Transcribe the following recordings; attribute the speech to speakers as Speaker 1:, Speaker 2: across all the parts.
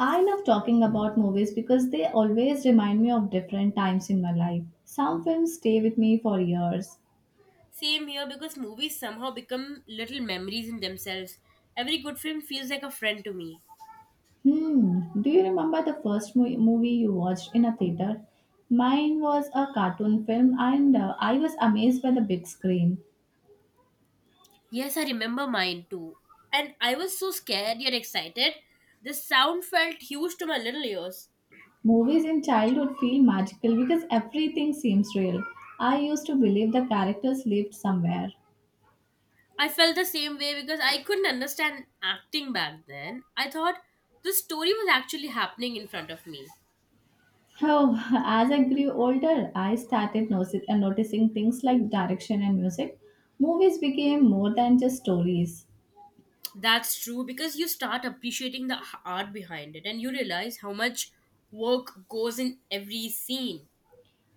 Speaker 1: I love talking about movies because they always remind me of different times in my life. Some films stay with me for years.
Speaker 2: Same here because movies somehow become little memories in themselves. Every good film feels like a friend to me.
Speaker 1: Hmm, do you remember the first movie you watched in a theater? Mine was a cartoon film and I was amazed by the big screen.
Speaker 2: Yes, I remember mine too. And I was so scared yet excited. The sound felt huge to my little ears.
Speaker 1: Movies in childhood feel magical because everything seems real. I used to believe the characters lived somewhere.
Speaker 2: I felt the same way because I couldn't understand acting back then. I thought the story was actually happening in front of me.
Speaker 1: Oh, as I grew older, I started noticing things like direction and music. Movies became more than just stories.
Speaker 2: That's true because you start appreciating the art behind it and you realize how much work goes in every scene.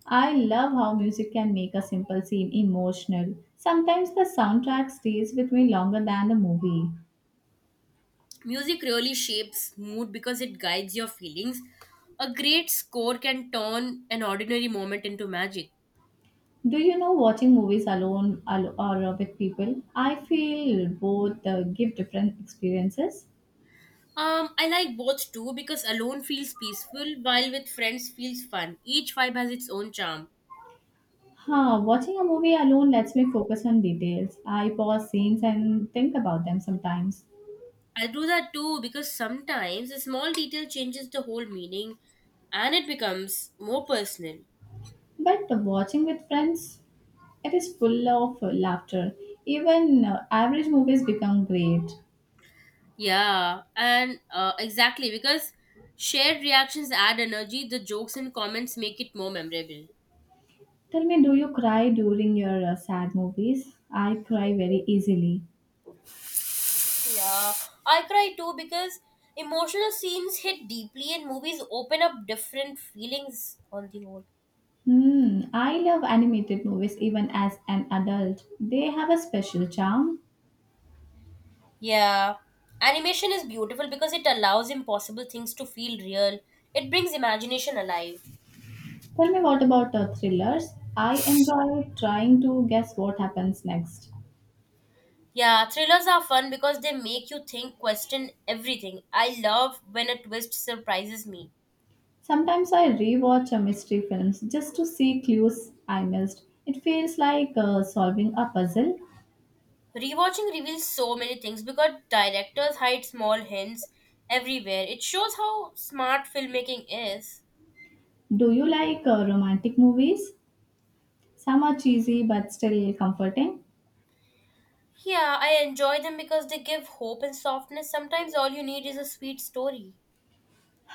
Speaker 1: I love how music can make a simple scene emotional. Sometimes the soundtrack stays with me longer than the movie.
Speaker 2: Music really shapes mood because it guides your feelings. A great score can turn an ordinary moment into magic.
Speaker 1: Do you know watching movies alone or with people? I feel both give different experiences.
Speaker 2: I like both too because alone feels peaceful while with friends feels fun. Each vibe has its own charm.
Speaker 1: Huh, watching a movie alone lets me focus on details. I pause scenes and think about them sometimes.
Speaker 2: I do that too because sometimes a small detail changes the whole meaning and it becomes more personal.
Speaker 1: But watching with friends, it is full of laughter. Even average movies become great.
Speaker 2: Yeah, and exactly because shared reactions add energy, the jokes and comments make it more memorable.
Speaker 1: Tell me, do you cry during your sad movies? I cry very easily.
Speaker 2: Yeah, I cry too because emotional scenes hit deeply and movies open up different feelings on the whole.
Speaker 1: Hmm, I love animated movies even as an adult. They have a special charm.
Speaker 2: Yeah, animation is beautiful because it allows impossible things to feel real. It brings imagination alive.
Speaker 1: Tell me, what about thrillers? I enjoy trying to guess what happens next.
Speaker 2: Yeah, thrillers are fun because they make you think, question everything. I love when a twist surprises me.
Speaker 1: Sometimes I rewatch a mystery films just to see clues I missed. It feels like solving a puzzle.
Speaker 2: Rewatching reveals so many things because directors hide small hints everywhere. It shows how smart filmmaking is.
Speaker 1: Do you like romantic movies? Some are cheesy but still comforting.
Speaker 2: Yeah, I enjoy them because they give hope and softness. Sometimes all you need is a sweet story.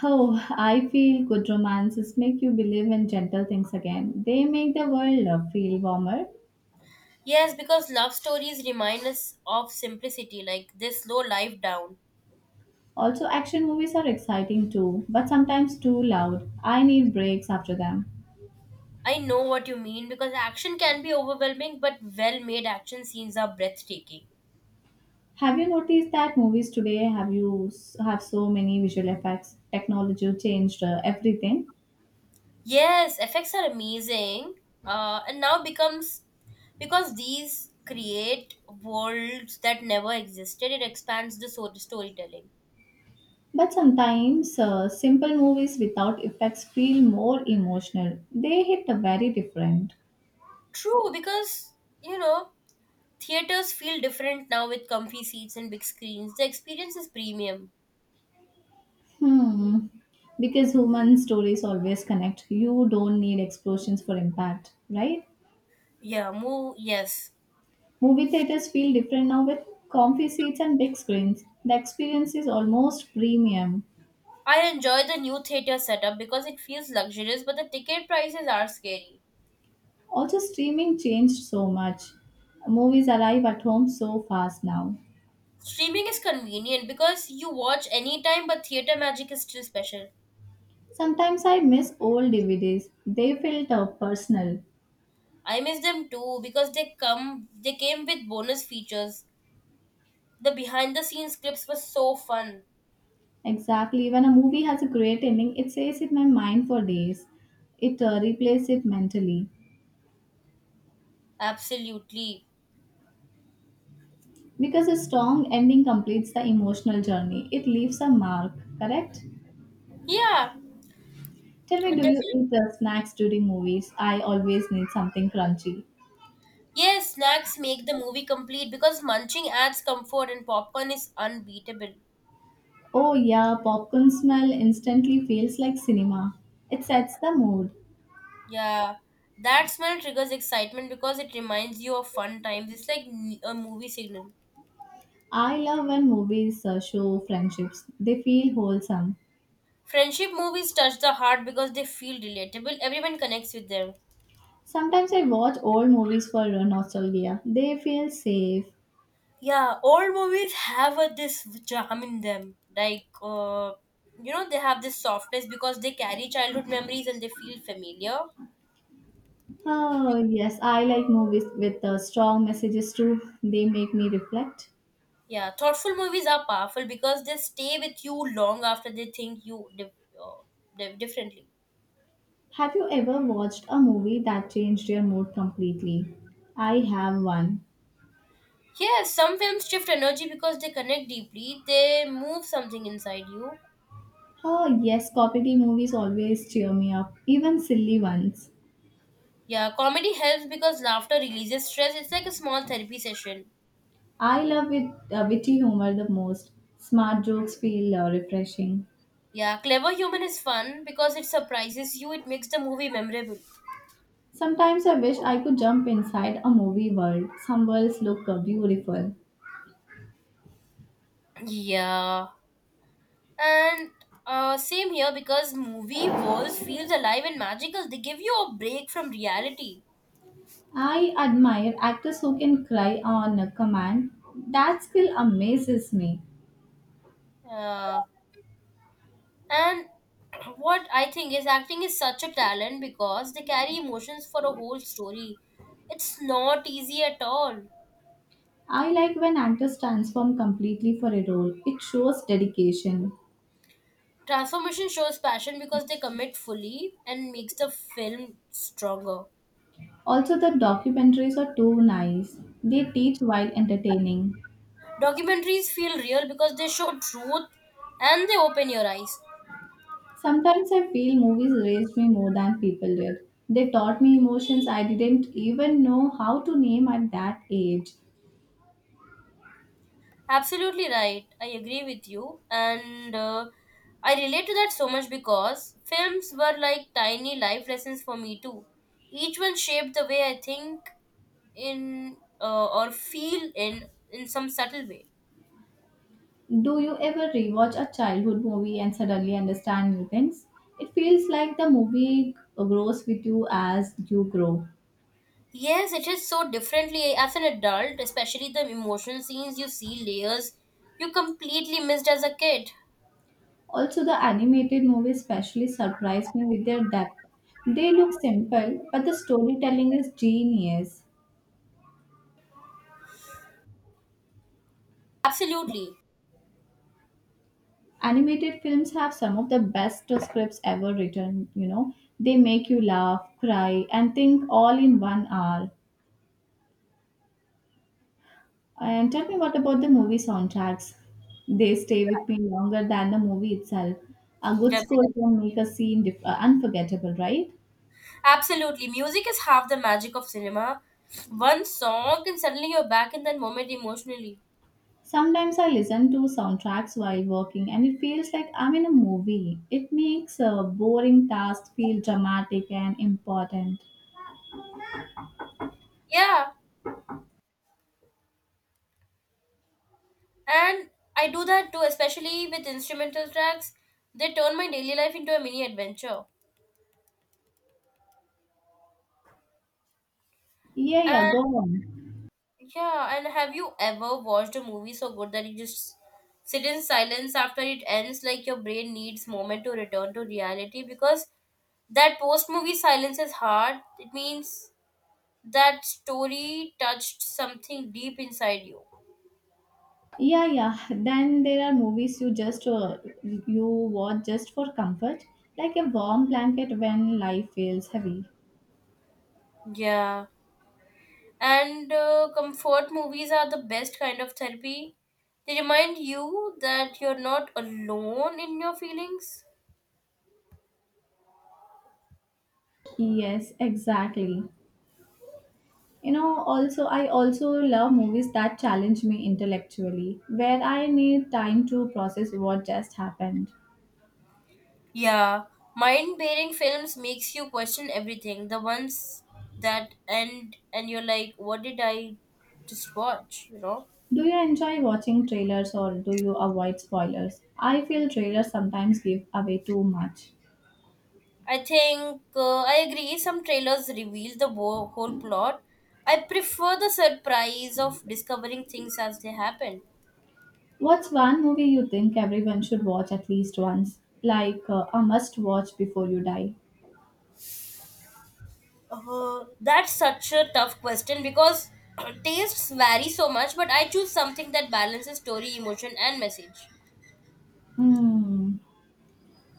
Speaker 1: Oh, I feel good romances make you believe in gentle things again. They make the world feel warmer.
Speaker 2: Yes, because love stories remind us of simplicity, like they slow life down.
Speaker 1: Also, action movies are exciting too, but sometimes too loud. I need breaks after them.
Speaker 2: I know what you mean because action can be overwhelming, but well made action scenes are breathtaking.
Speaker 1: Have you noticed that movies today have so many visual effects? Technology changed everything.
Speaker 2: Yes, effects are amazing. And now becomes because these create worlds that never existed, it expands the storytelling.
Speaker 1: But sometimes simple movies without effects feel more emotional. They hit a very different.
Speaker 2: True, because you know theaters feel different now with comfy seats and big screens. The experience is premium.
Speaker 1: Hmm. Because human stories always connect. You don't need explosions for impact, right?
Speaker 2: Yeah, move, yes.
Speaker 1: Movie theaters feel different now with comfy seats and big screens. The experience is almost premium.
Speaker 2: I enjoy the new theater setup because it feels luxurious, but the ticket prices are scary.
Speaker 1: Also, streaming changed so much. Movies arrive at home so fast now.
Speaker 2: Streaming is convenient because you watch anytime, but theater magic is still special.
Speaker 1: Sometimes I miss old DVDs. They felt personal.
Speaker 2: I miss them too because they came with bonus features. The behind the scenes clips were so fun.
Speaker 1: Exactly. When a movie has a great ending, it stays in my mind for days. It replays it mentally.
Speaker 2: Absolutely.
Speaker 1: Because a strong ending completes the emotional journey, it leaves a mark, correct?
Speaker 2: Yeah,
Speaker 1: Tell me, do you
Speaker 2: definitely.
Speaker 1: eat the snacks during movies? I always need something crunchy.
Speaker 2: Yes, snacks make the movie complete because munching adds comfort and popcorn is unbeatable.
Speaker 1: Oh, yeah, popcorn smell instantly feels like cinema. It sets the mood.
Speaker 2: Yeah, that smell triggers excitement because it reminds you of fun times. It's like a movie signal.
Speaker 1: I love when movies show friendships, they feel wholesome.
Speaker 2: Friendship movies touch the heart because they feel relatable. Everyone connects with them.
Speaker 1: Sometimes I watch old movies for nostalgia, they feel safe.
Speaker 2: Yeah, old movies have a, this charm in them. Like, they have this softness because they carry childhood memories and they feel familiar.
Speaker 1: Oh, yes, I like movies with strong messages too. They make me reflect.
Speaker 2: Yeah, thoughtful movies are powerful because they stay with you long after they think you uh, differently.
Speaker 1: Have you ever watched a movie that changed your mood completely? I have one.
Speaker 2: Yes, some films shift energy because they connect deeply, they move something inside you.
Speaker 1: Oh, yes, comedy movies always cheer me up, even silly ones.
Speaker 2: Yeah, comedy helps because laughter releases stress. It's like a small therapy session.
Speaker 1: I love witty humor the most. Smart jokes feel refreshing.
Speaker 2: Yeah, Clever Human is fun because it surprises you, it makes the movie memorable.
Speaker 1: Sometimes I wish I could jump inside a movie world. Some worlds look beautiful.
Speaker 2: Yeah. And same here because movie worlds feels alive and magical. They give you a break from reality.
Speaker 1: I admire actors who can cry on a command. That skill amazes me.
Speaker 2: Yeah. And what I think is acting is such a talent because they carry emotions for a whole story. It's not easy at all.
Speaker 1: I like when actors transform completely for a role. It shows dedication.
Speaker 2: Transformation shows passion because they commit fully and makes the film stronger.
Speaker 1: Also, the documentaries are too nice. They teach while entertaining.
Speaker 2: Documentaries feel real because they show truth and they open your eyes.
Speaker 1: Sometimes I feel movies raised me more than people did. They taught me emotions I didn't even know how to name at that age.
Speaker 2: Absolutely right. I agree with you. And I relate to that so much because films were like tiny life lessons for me too. Each one shaped the way I think in or feel in some subtle way.
Speaker 1: Do you ever rewatch a childhood movie and suddenly understand new things? It feels like the movie grows with you as you grow.
Speaker 2: Yes, it is so differently as an adult, especially the emotional scenes you see layers you completely missed as a kid.
Speaker 1: Also, the animated movies especially surprise me with their depth. They look simple, but the storytelling is genius.
Speaker 2: Absolutely.
Speaker 1: Animated films have some of the best scripts ever written, you know. They make you laugh, cry, and think all in 1 hour. And tell me, what about the movie soundtracks? They stay with me longer than the movie itself. A good
Speaker 2: Definitely.
Speaker 1: score can make a scene unforgettable, right?
Speaker 2: Absolutely, music is half the magic of cinema. One song and suddenly you're back in that moment emotionally.
Speaker 1: Sometimes I listen to soundtracks while working and it feels like I'm in a movie. It makes a boring task feel dramatic and important.
Speaker 2: Yeah, and I do that too, especially with instrumental tracks. They turn my daily life into a mini adventure.
Speaker 1: Yeah, yeah, go on.
Speaker 2: Yeah, and have you ever watched a movie so good that you just sit in silence after it ends, like your brain needs moment to return to reality? Because that post movie silence is hard. It means that story touched something deep inside you.
Speaker 1: Yeah, yeah. Then there are movies you just you watch just for comfort, like a warm blanket when life feels heavy.
Speaker 2: Yeah, and comfort movies are the best kind of therapy. They remind you that you're not alone in your feelings.
Speaker 1: Yes, exactly. You know, also I also love movies that challenge me intellectually, where I need time to process what just happened.
Speaker 2: Yeah, mind-bearing films makes you question everything. The ones that end and you're like, what did I just watch? You know.
Speaker 1: Do you enjoy watching trailers, or do you avoid spoilers? I feel trailers sometimes give away too much.
Speaker 2: I think I agree. Some trailers reveal the whole plot. I prefer the surprise of discovering things as they happen.
Speaker 1: What's one movie you think everyone should watch at least once, like a must watch before you die?
Speaker 2: That's such a tough question because tastes vary so much. But I choose something that balances story, emotion, and message.
Speaker 1: Hmm.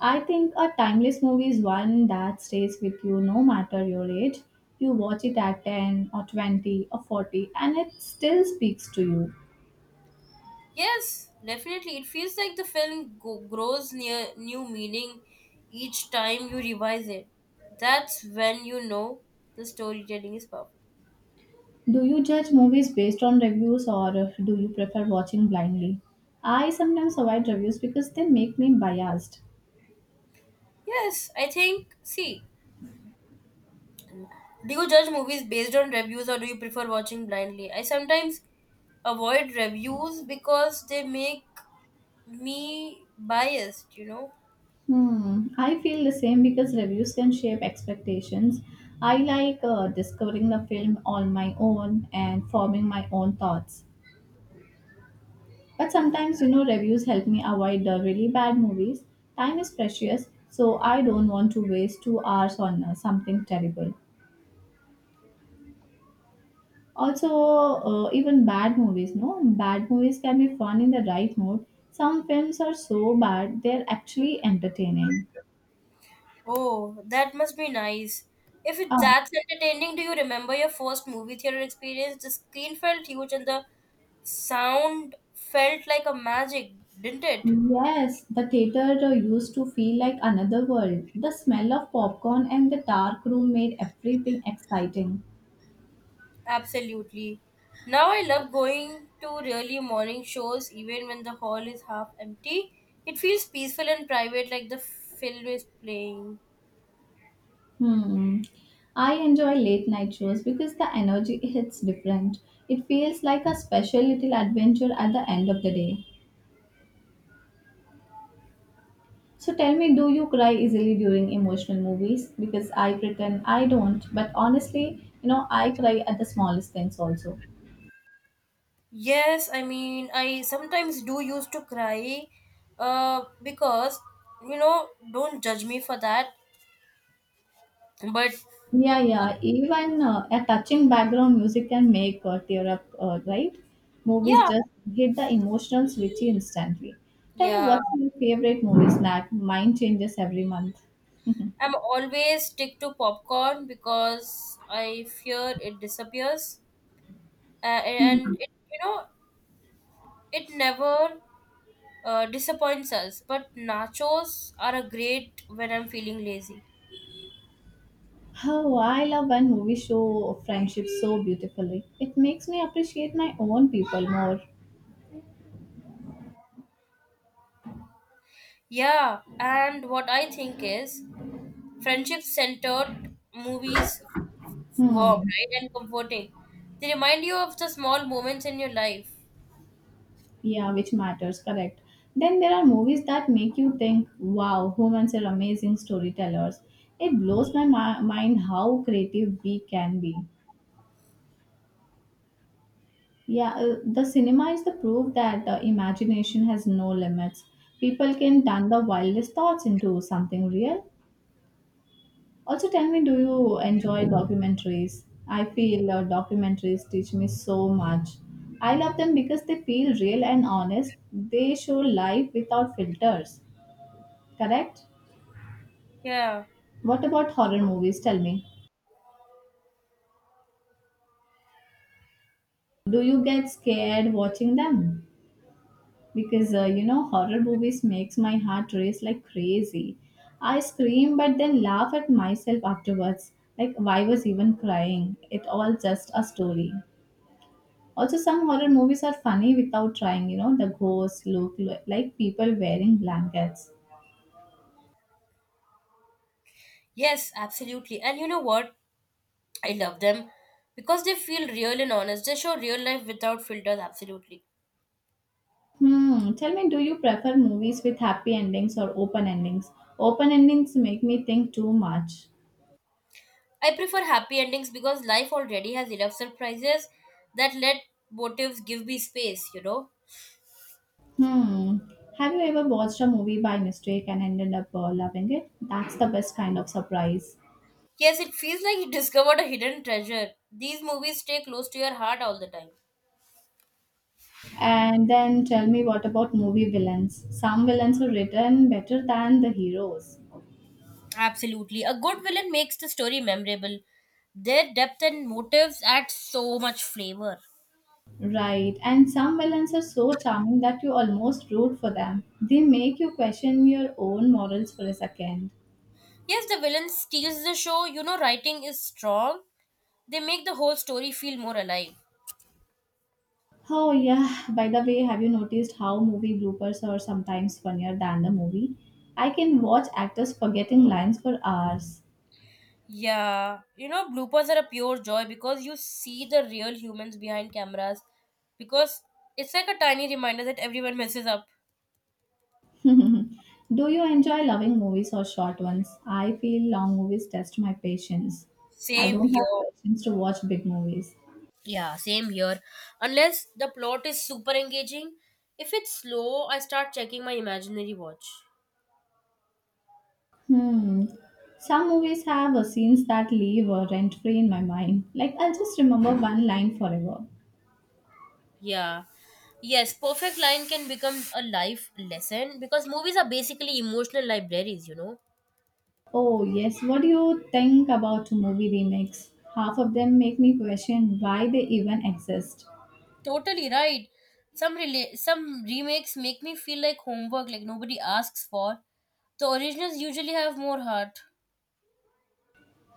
Speaker 1: I think a timeless movie is one that stays with you no matter your age. You watch it at 10 or 20 or 40 and it still speaks to you.
Speaker 2: Yes, definitely. It feels like the film grows near new meaning each time you revise it. That's when you know the storytelling is powerful.
Speaker 1: Do you judge movies based on reviews, or do you prefer watching blindly? I sometimes avoid reviews because they make me biased.
Speaker 2: Yes, I think. See, do you judge movies based on reviews or do you prefer watching blindly? I sometimes avoid reviews because they make me biased, you know?
Speaker 1: Hmm, I feel the same because reviews can shape expectations. I like discovering the film on my own and forming my own thoughts. But sometimes, you know, reviews help me avoid the really bad movies. Time is precious, so I don't want to waste 2 hours on something terrible. Also, even bad movies, no? Bad movies can be fun in the right mood. Some films are so bad, they're actually entertaining.
Speaker 2: Oh, that must be nice. If
Speaker 1: Ah,
Speaker 2: it's that entertaining, do you remember your first movie theater experience? The screen felt huge and the sound felt like a magic, didn't it?
Speaker 1: yes, the theater used to feel like another world. The smell of popcorn and the dark room made everything exciting.
Speaker 2: Absolutely. Now I love going to really morning shows even when the hall is half empty. It feels peaceful and private like the film is playing.
Speaker 1: Hmm. I enjoy late night shows because the energy hits different. It feels like a special little adventure at the end of the day. So tell me, do you cry easily during emotional movies? Because I pretend I don't, but honestly, you know, I cry at the smallest things also.
Speaker 2: Yes, I mean I sometimes do used to cry because you know don't judge me for that but
Speaker 1: Yeah, yeah. Even a touching background music can make tear up, right? Movies
Speaker 2: yeah,
Speaker 1: just hit the emotional switch instantly. Tell me,
Speaker 2: yeah.
Speaker 1: what's your favorite movie snack? Mine changes every month.
Speaker 2: I'm always stick to popcorn because I fear it disappears. And it, you know, it never disappoints us, but nachos are a great when I'm feeling lazy.
Speaker 1: How I love when movies show friendship so beautifully. It makes me appreciate my own people more.
Speaker 2: Yeah, and what I think is friendship centered movies warm,
Speaker 1: Hmm.
Speaker 2: right, and comforting. They remind you of the small moments in your life.
Speaker 1: Yeah, which matters, correct. Then there are movies that make you think, wow, humans are amazing storytellers. It blows my mind how creative we can be. Yeah, the cinema is the proof that the imagination has no limits. People can turn the wildest thoughts into something real. Also, tell me, do you enjoy documentaries? I feel documentaries teach me so much. I love them because they feel real and honest. They show life without filters, correct?
Speaker 2: Yeah,
Speaker 1: What about horror movies? Tell me, do you get scared watching them? Because you know, horror movies makes my heart race like crazy. I scream but then laugh at myself afterwards. Like, why was even crying? It all just a story. Also, some horror movies are funny without trying, you know, the ghosts look like people wearing blankets.
Speaker 2: yes, absolutely, and you know what, I love them because they feel real and honest, they show real life without filters. Absolutely.
Speaker 1: Hmm, tell me, do you prefer movies with happy endings or open endings? Open endings make me think too much.
Speaker 2: I prefer happy endings because life already has enough surprises that let motives give me space, you know?
Speaker 1: Hmm, have you ever watched a movie by mistake and ended up loving it? That's the best kind of surprise.
Speaker 2: Yes, it feels like you discovered a hidden treasure. These movies stay close to your heart all the time.
Speaker 1: And then tell me, what about movie villains? Some villains are written better than the heroes.
Speaker 2: Absolutely. A good villain makes the story memorable. Their depth and motives add so much flavor.
Speaker 1: Right, and some villains are so charming that you almost root for them. They make you question your own morals for a second.
Speaker 2: Yes, the villain steals the show. You know, writing is strong. They make the whole story feel more alive.
Speaker 1: Oh, yeah, by the way, have you noticed how movie bloopers are sometimes funnier than the movie? I can watch actors forgetting lines for hours.
Speaker 2: Yeah, you know, bloopers are a pure joy because you see the real humans behind cameras. Because it's like a tiny reminder that everyone messes up.
Speaker 1: Do you enjoy loving movies or short ones? I feel long movies test my patience. I
Speaker 2: Same
Speaker 1: don't have
Speaker 2: here.
Speaker 1: patience to watch big movies.
Speaker 2: Yeah, same here. Unless the plot is super engaging. If it's slow, I start checking my imaginary watch.
Speaker 1: Hmm. Some movies have scenes that leave rent-free in my mind. Like I'll just remember one line forever.
Speaker 2: Yeah. Yes, perfect line can become a life lesson because movies are basically emotional libraries, you know.
Speaker 1: Oh yes, what do you think about movie remakes? Half of them make me question why they even exist.
Speaker 2: Totally right. Some remakes make me feel like homework, like nobody asks for. The originals usually have more heart.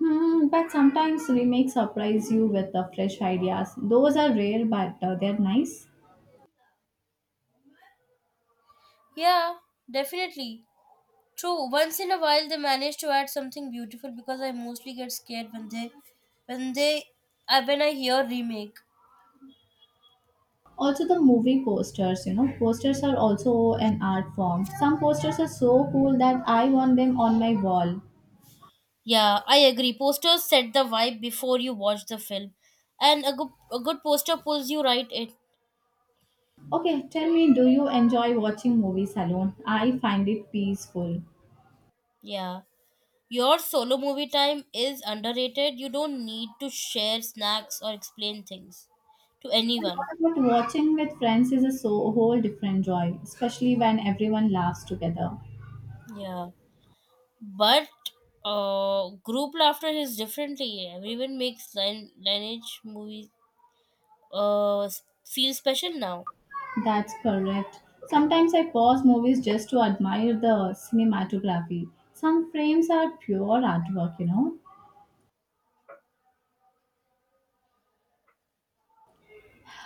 Speaker 1: Hmm, but sometimes remakes surprise you with the fresh ideas. Those are rare, but they're nice.
Speaker 2: Yeah, definitely. True. Once in a while they manage to add something beautiful because I mostly get scared when they when they I when I hear remake.
Speaker 1: Also, the movie posters, you know, posters are also an art form. Some posters are so cool that I want them on my wall.
Speaker 2: Yeah, I agree. Posters set the vibe before you watch the film. And a good poster pulls you right in.
Speaker 1: Okay, tell me, do you enjoy watching movies alone? I find it peaceful.
Speaker 2: Yeah. Your solo movie time is underrated. You don't need to share snacks or explain things to anyone.
Speaker 1: But watching with friends is a so whole different joy, especially when everyone laughs together.
Speaker 2: Yeah. But group laughter is differently. Everyone makes line, lineage movies feel special now.
Speaker 1: That's correct. Sometimes I pause movies just to admire the cinematography. Some frames are pure artwork, you know.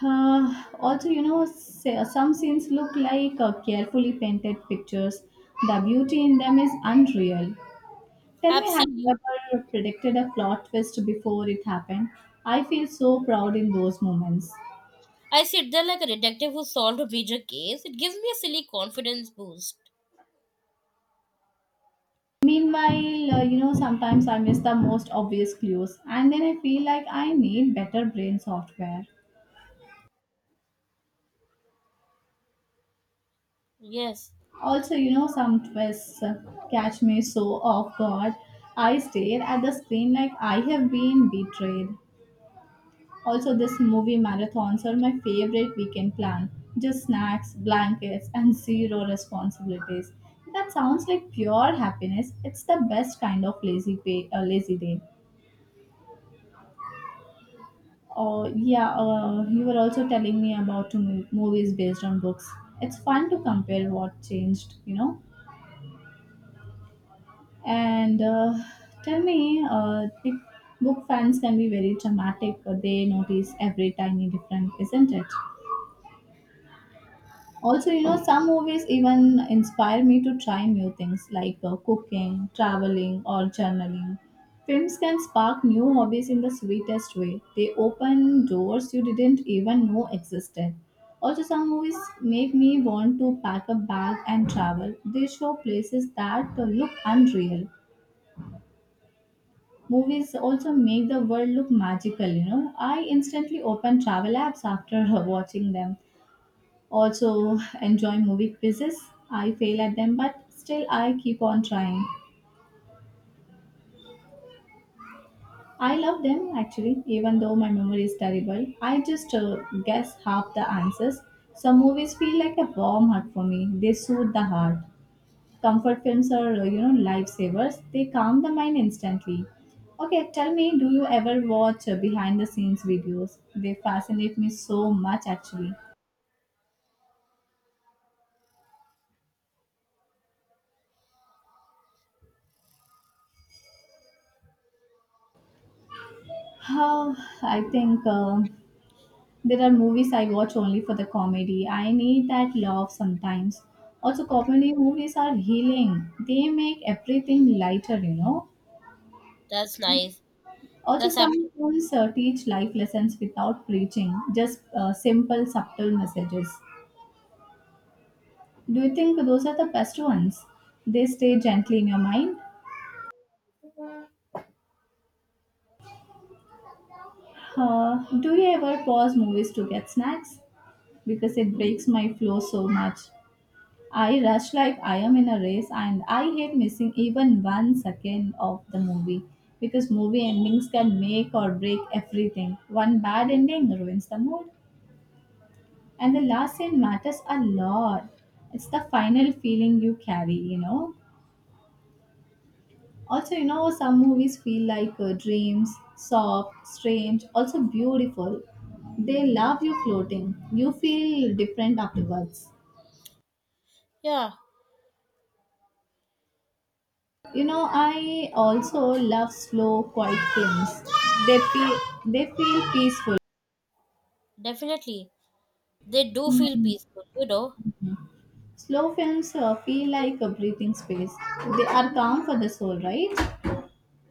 Speaker 1: Also, you know, some scenes look like carefully painted pictures. The beauty in them is unreal. Tell me, have you
Speaker 2: Absolutely.
Speaker 1: ever predicted a plot twist before it happened? I feel so proud in those moments.
Speaker 2: I sit there like a detective who solved a major case. It gives me a silly confidence boost.
Speaker 1: Meanwhile, you know, sometimes I miss the most obvious clues, and then I feel like I need better brain software.
Speaker 2: Yes,
Speaker 1: Also, you know, some twists catch me so off guard. I stare at the screen like I have been betrayed. Also, this movie marathons are my favorite weekend plan. Just snacks, blankets, and zero responsibilities. That sounds like pure happiness. It's the best kind of lazy day. Oh yeah, you were also telling me about movies based on books. It's fun to compare what changed, you know. And tell me, if book fans can be very dramatic. They notice every tiny difference, isn't it? Also, you know, some movies even inspire me to try new things like cooking, traveling, or journaling. Films can spark new hobbies in the sweetest way. They open doors you didn't even know existed. Also, some movies make me want to pack a bag and travel. They show places that look unreal. Movies also make the world look magical, you know. I instantly open travel apps after watching them also enjoy movie quizzes. I fail at them, but still I keep on trying. I love them actually, even though my memory is terrible. I just guess half the answers. Some movies feel like a warm hug for me. They soothe the heart. Comfort films are, you know, lifesavers. They calm the mind instantly. Okay, tell me, do you ever watch behind the scenes videos? They fascinate me so much actually. How I think There are movies I watch only for the comedy. I need that laugh sometimes. Also, comedy movies are healing. They make everything lighter, you know.
Speaker 2: that's nice.
Speaker 1: Also,
Speaker 2: That's happening.
Speaker 1: some films teach life lessons without preaching, just simple, subtle messages. Do you think those are the best ones? They stay gently in your mind. Do you ever pause movies to get snacks? Because it breaks my flow so much. I rush like I am in a race and I hate missing even one second of the movie, because movie endings can make or break everything. One bad ending ruins the mood and the last scene matters a lot. It's the final feeling you carry, you know. Also, you know, some movies feel like dreams, soft, strange, also beautiful. They love you floating. You feel different afterwards.
Speaker 2: Yeah,
Speaker 1: You know, I also love slow, quiet films. They feel they feel peaceful.
Speaker 2: definitely. They do feel
Speaker 1: Hmm.
Speaker 2: peaceful, you know.
Speaker 1: Slow films feel like a breathing space. They are calm for the soul, right?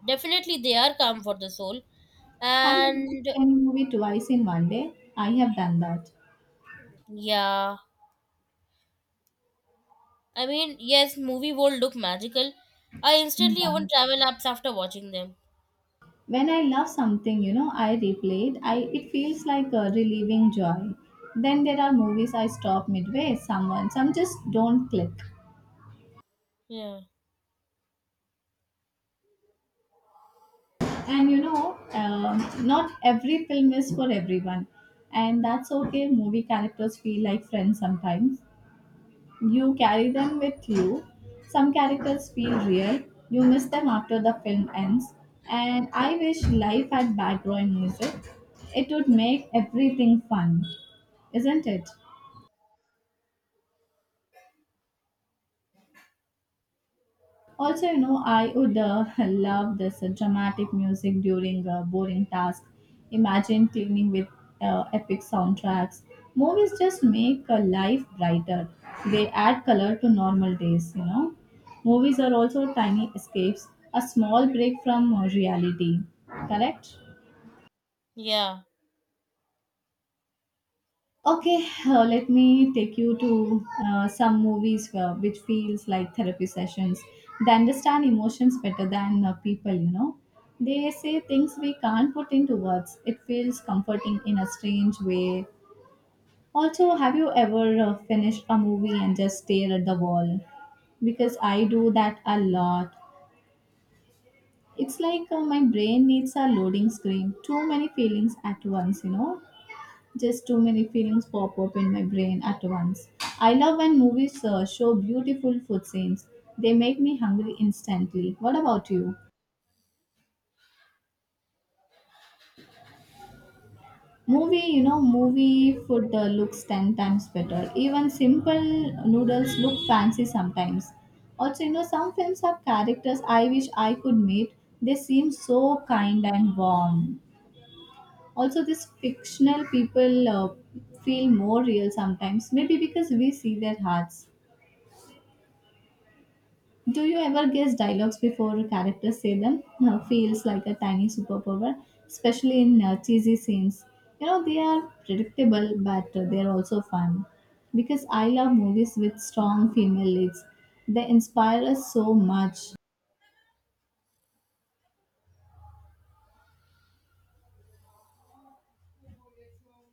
Speaker 2: Definitely, they are calm for the soul.
Speaker 1: Have you watched
Speaker 2: And
Speaker 1: any movie twice in one day? I have done that.
Speaker 2: yeah, I mean, yes, movie world look magical. I instantly
Speaker 1: Yeah.
Speaker 2: open travel apps after watching them.
Speaker 1: When I love something, you know, I replay it. I it feels like a relieving joy. Then there are movies I stop midway. Some just don't click.
Speaker 2: Yeah,
Speaker 1: And you know, not every film is for everyone, and that's okay. Movie characters feel like friends sometimes. You carry them with you. Some characters feel real. You miss them after the film ends. And I wish life had background music. It would make everything fun, isn't it? Also, you know, I would love this dramatic music during a boring task. Imagine cleaning with epic soundtracks. Movies just make life brighter. They add color to normal days, you know. Movies are also tiny escapes, a small break from reality. Correct?
Speaker 2: yeah.
Speaker 1: Okay, let me take you to some movies which feels like therapy sessions. They understand emotions better than people, you know. They say things we can't put into words. It feels comforting in a strange way. Also, have you ever finished a movie and just stare at the wall? Because I do that a lot. It's like my brain needs a loading screen. Too many feelings at once, you know. Just too many feelings pop up in my brain at once. I love when movies show beautiful food scenes. They make me hungry instantly. What about you? Movie food looks 10 times better. Even simple noodles look fancy sometimes. Also, you know, some films have characters I wish I could meet. They seem so kind and warm. Also, these fictional people feel more real sometimes, maybe because we see their hearts. Do you ever guess dialogues before characters say them? Feels like a tiny superpower, especially in cheesy scenes. You know, they are predictable, but they're also fun. Because I love movies with strong female leads. They inspire us so much.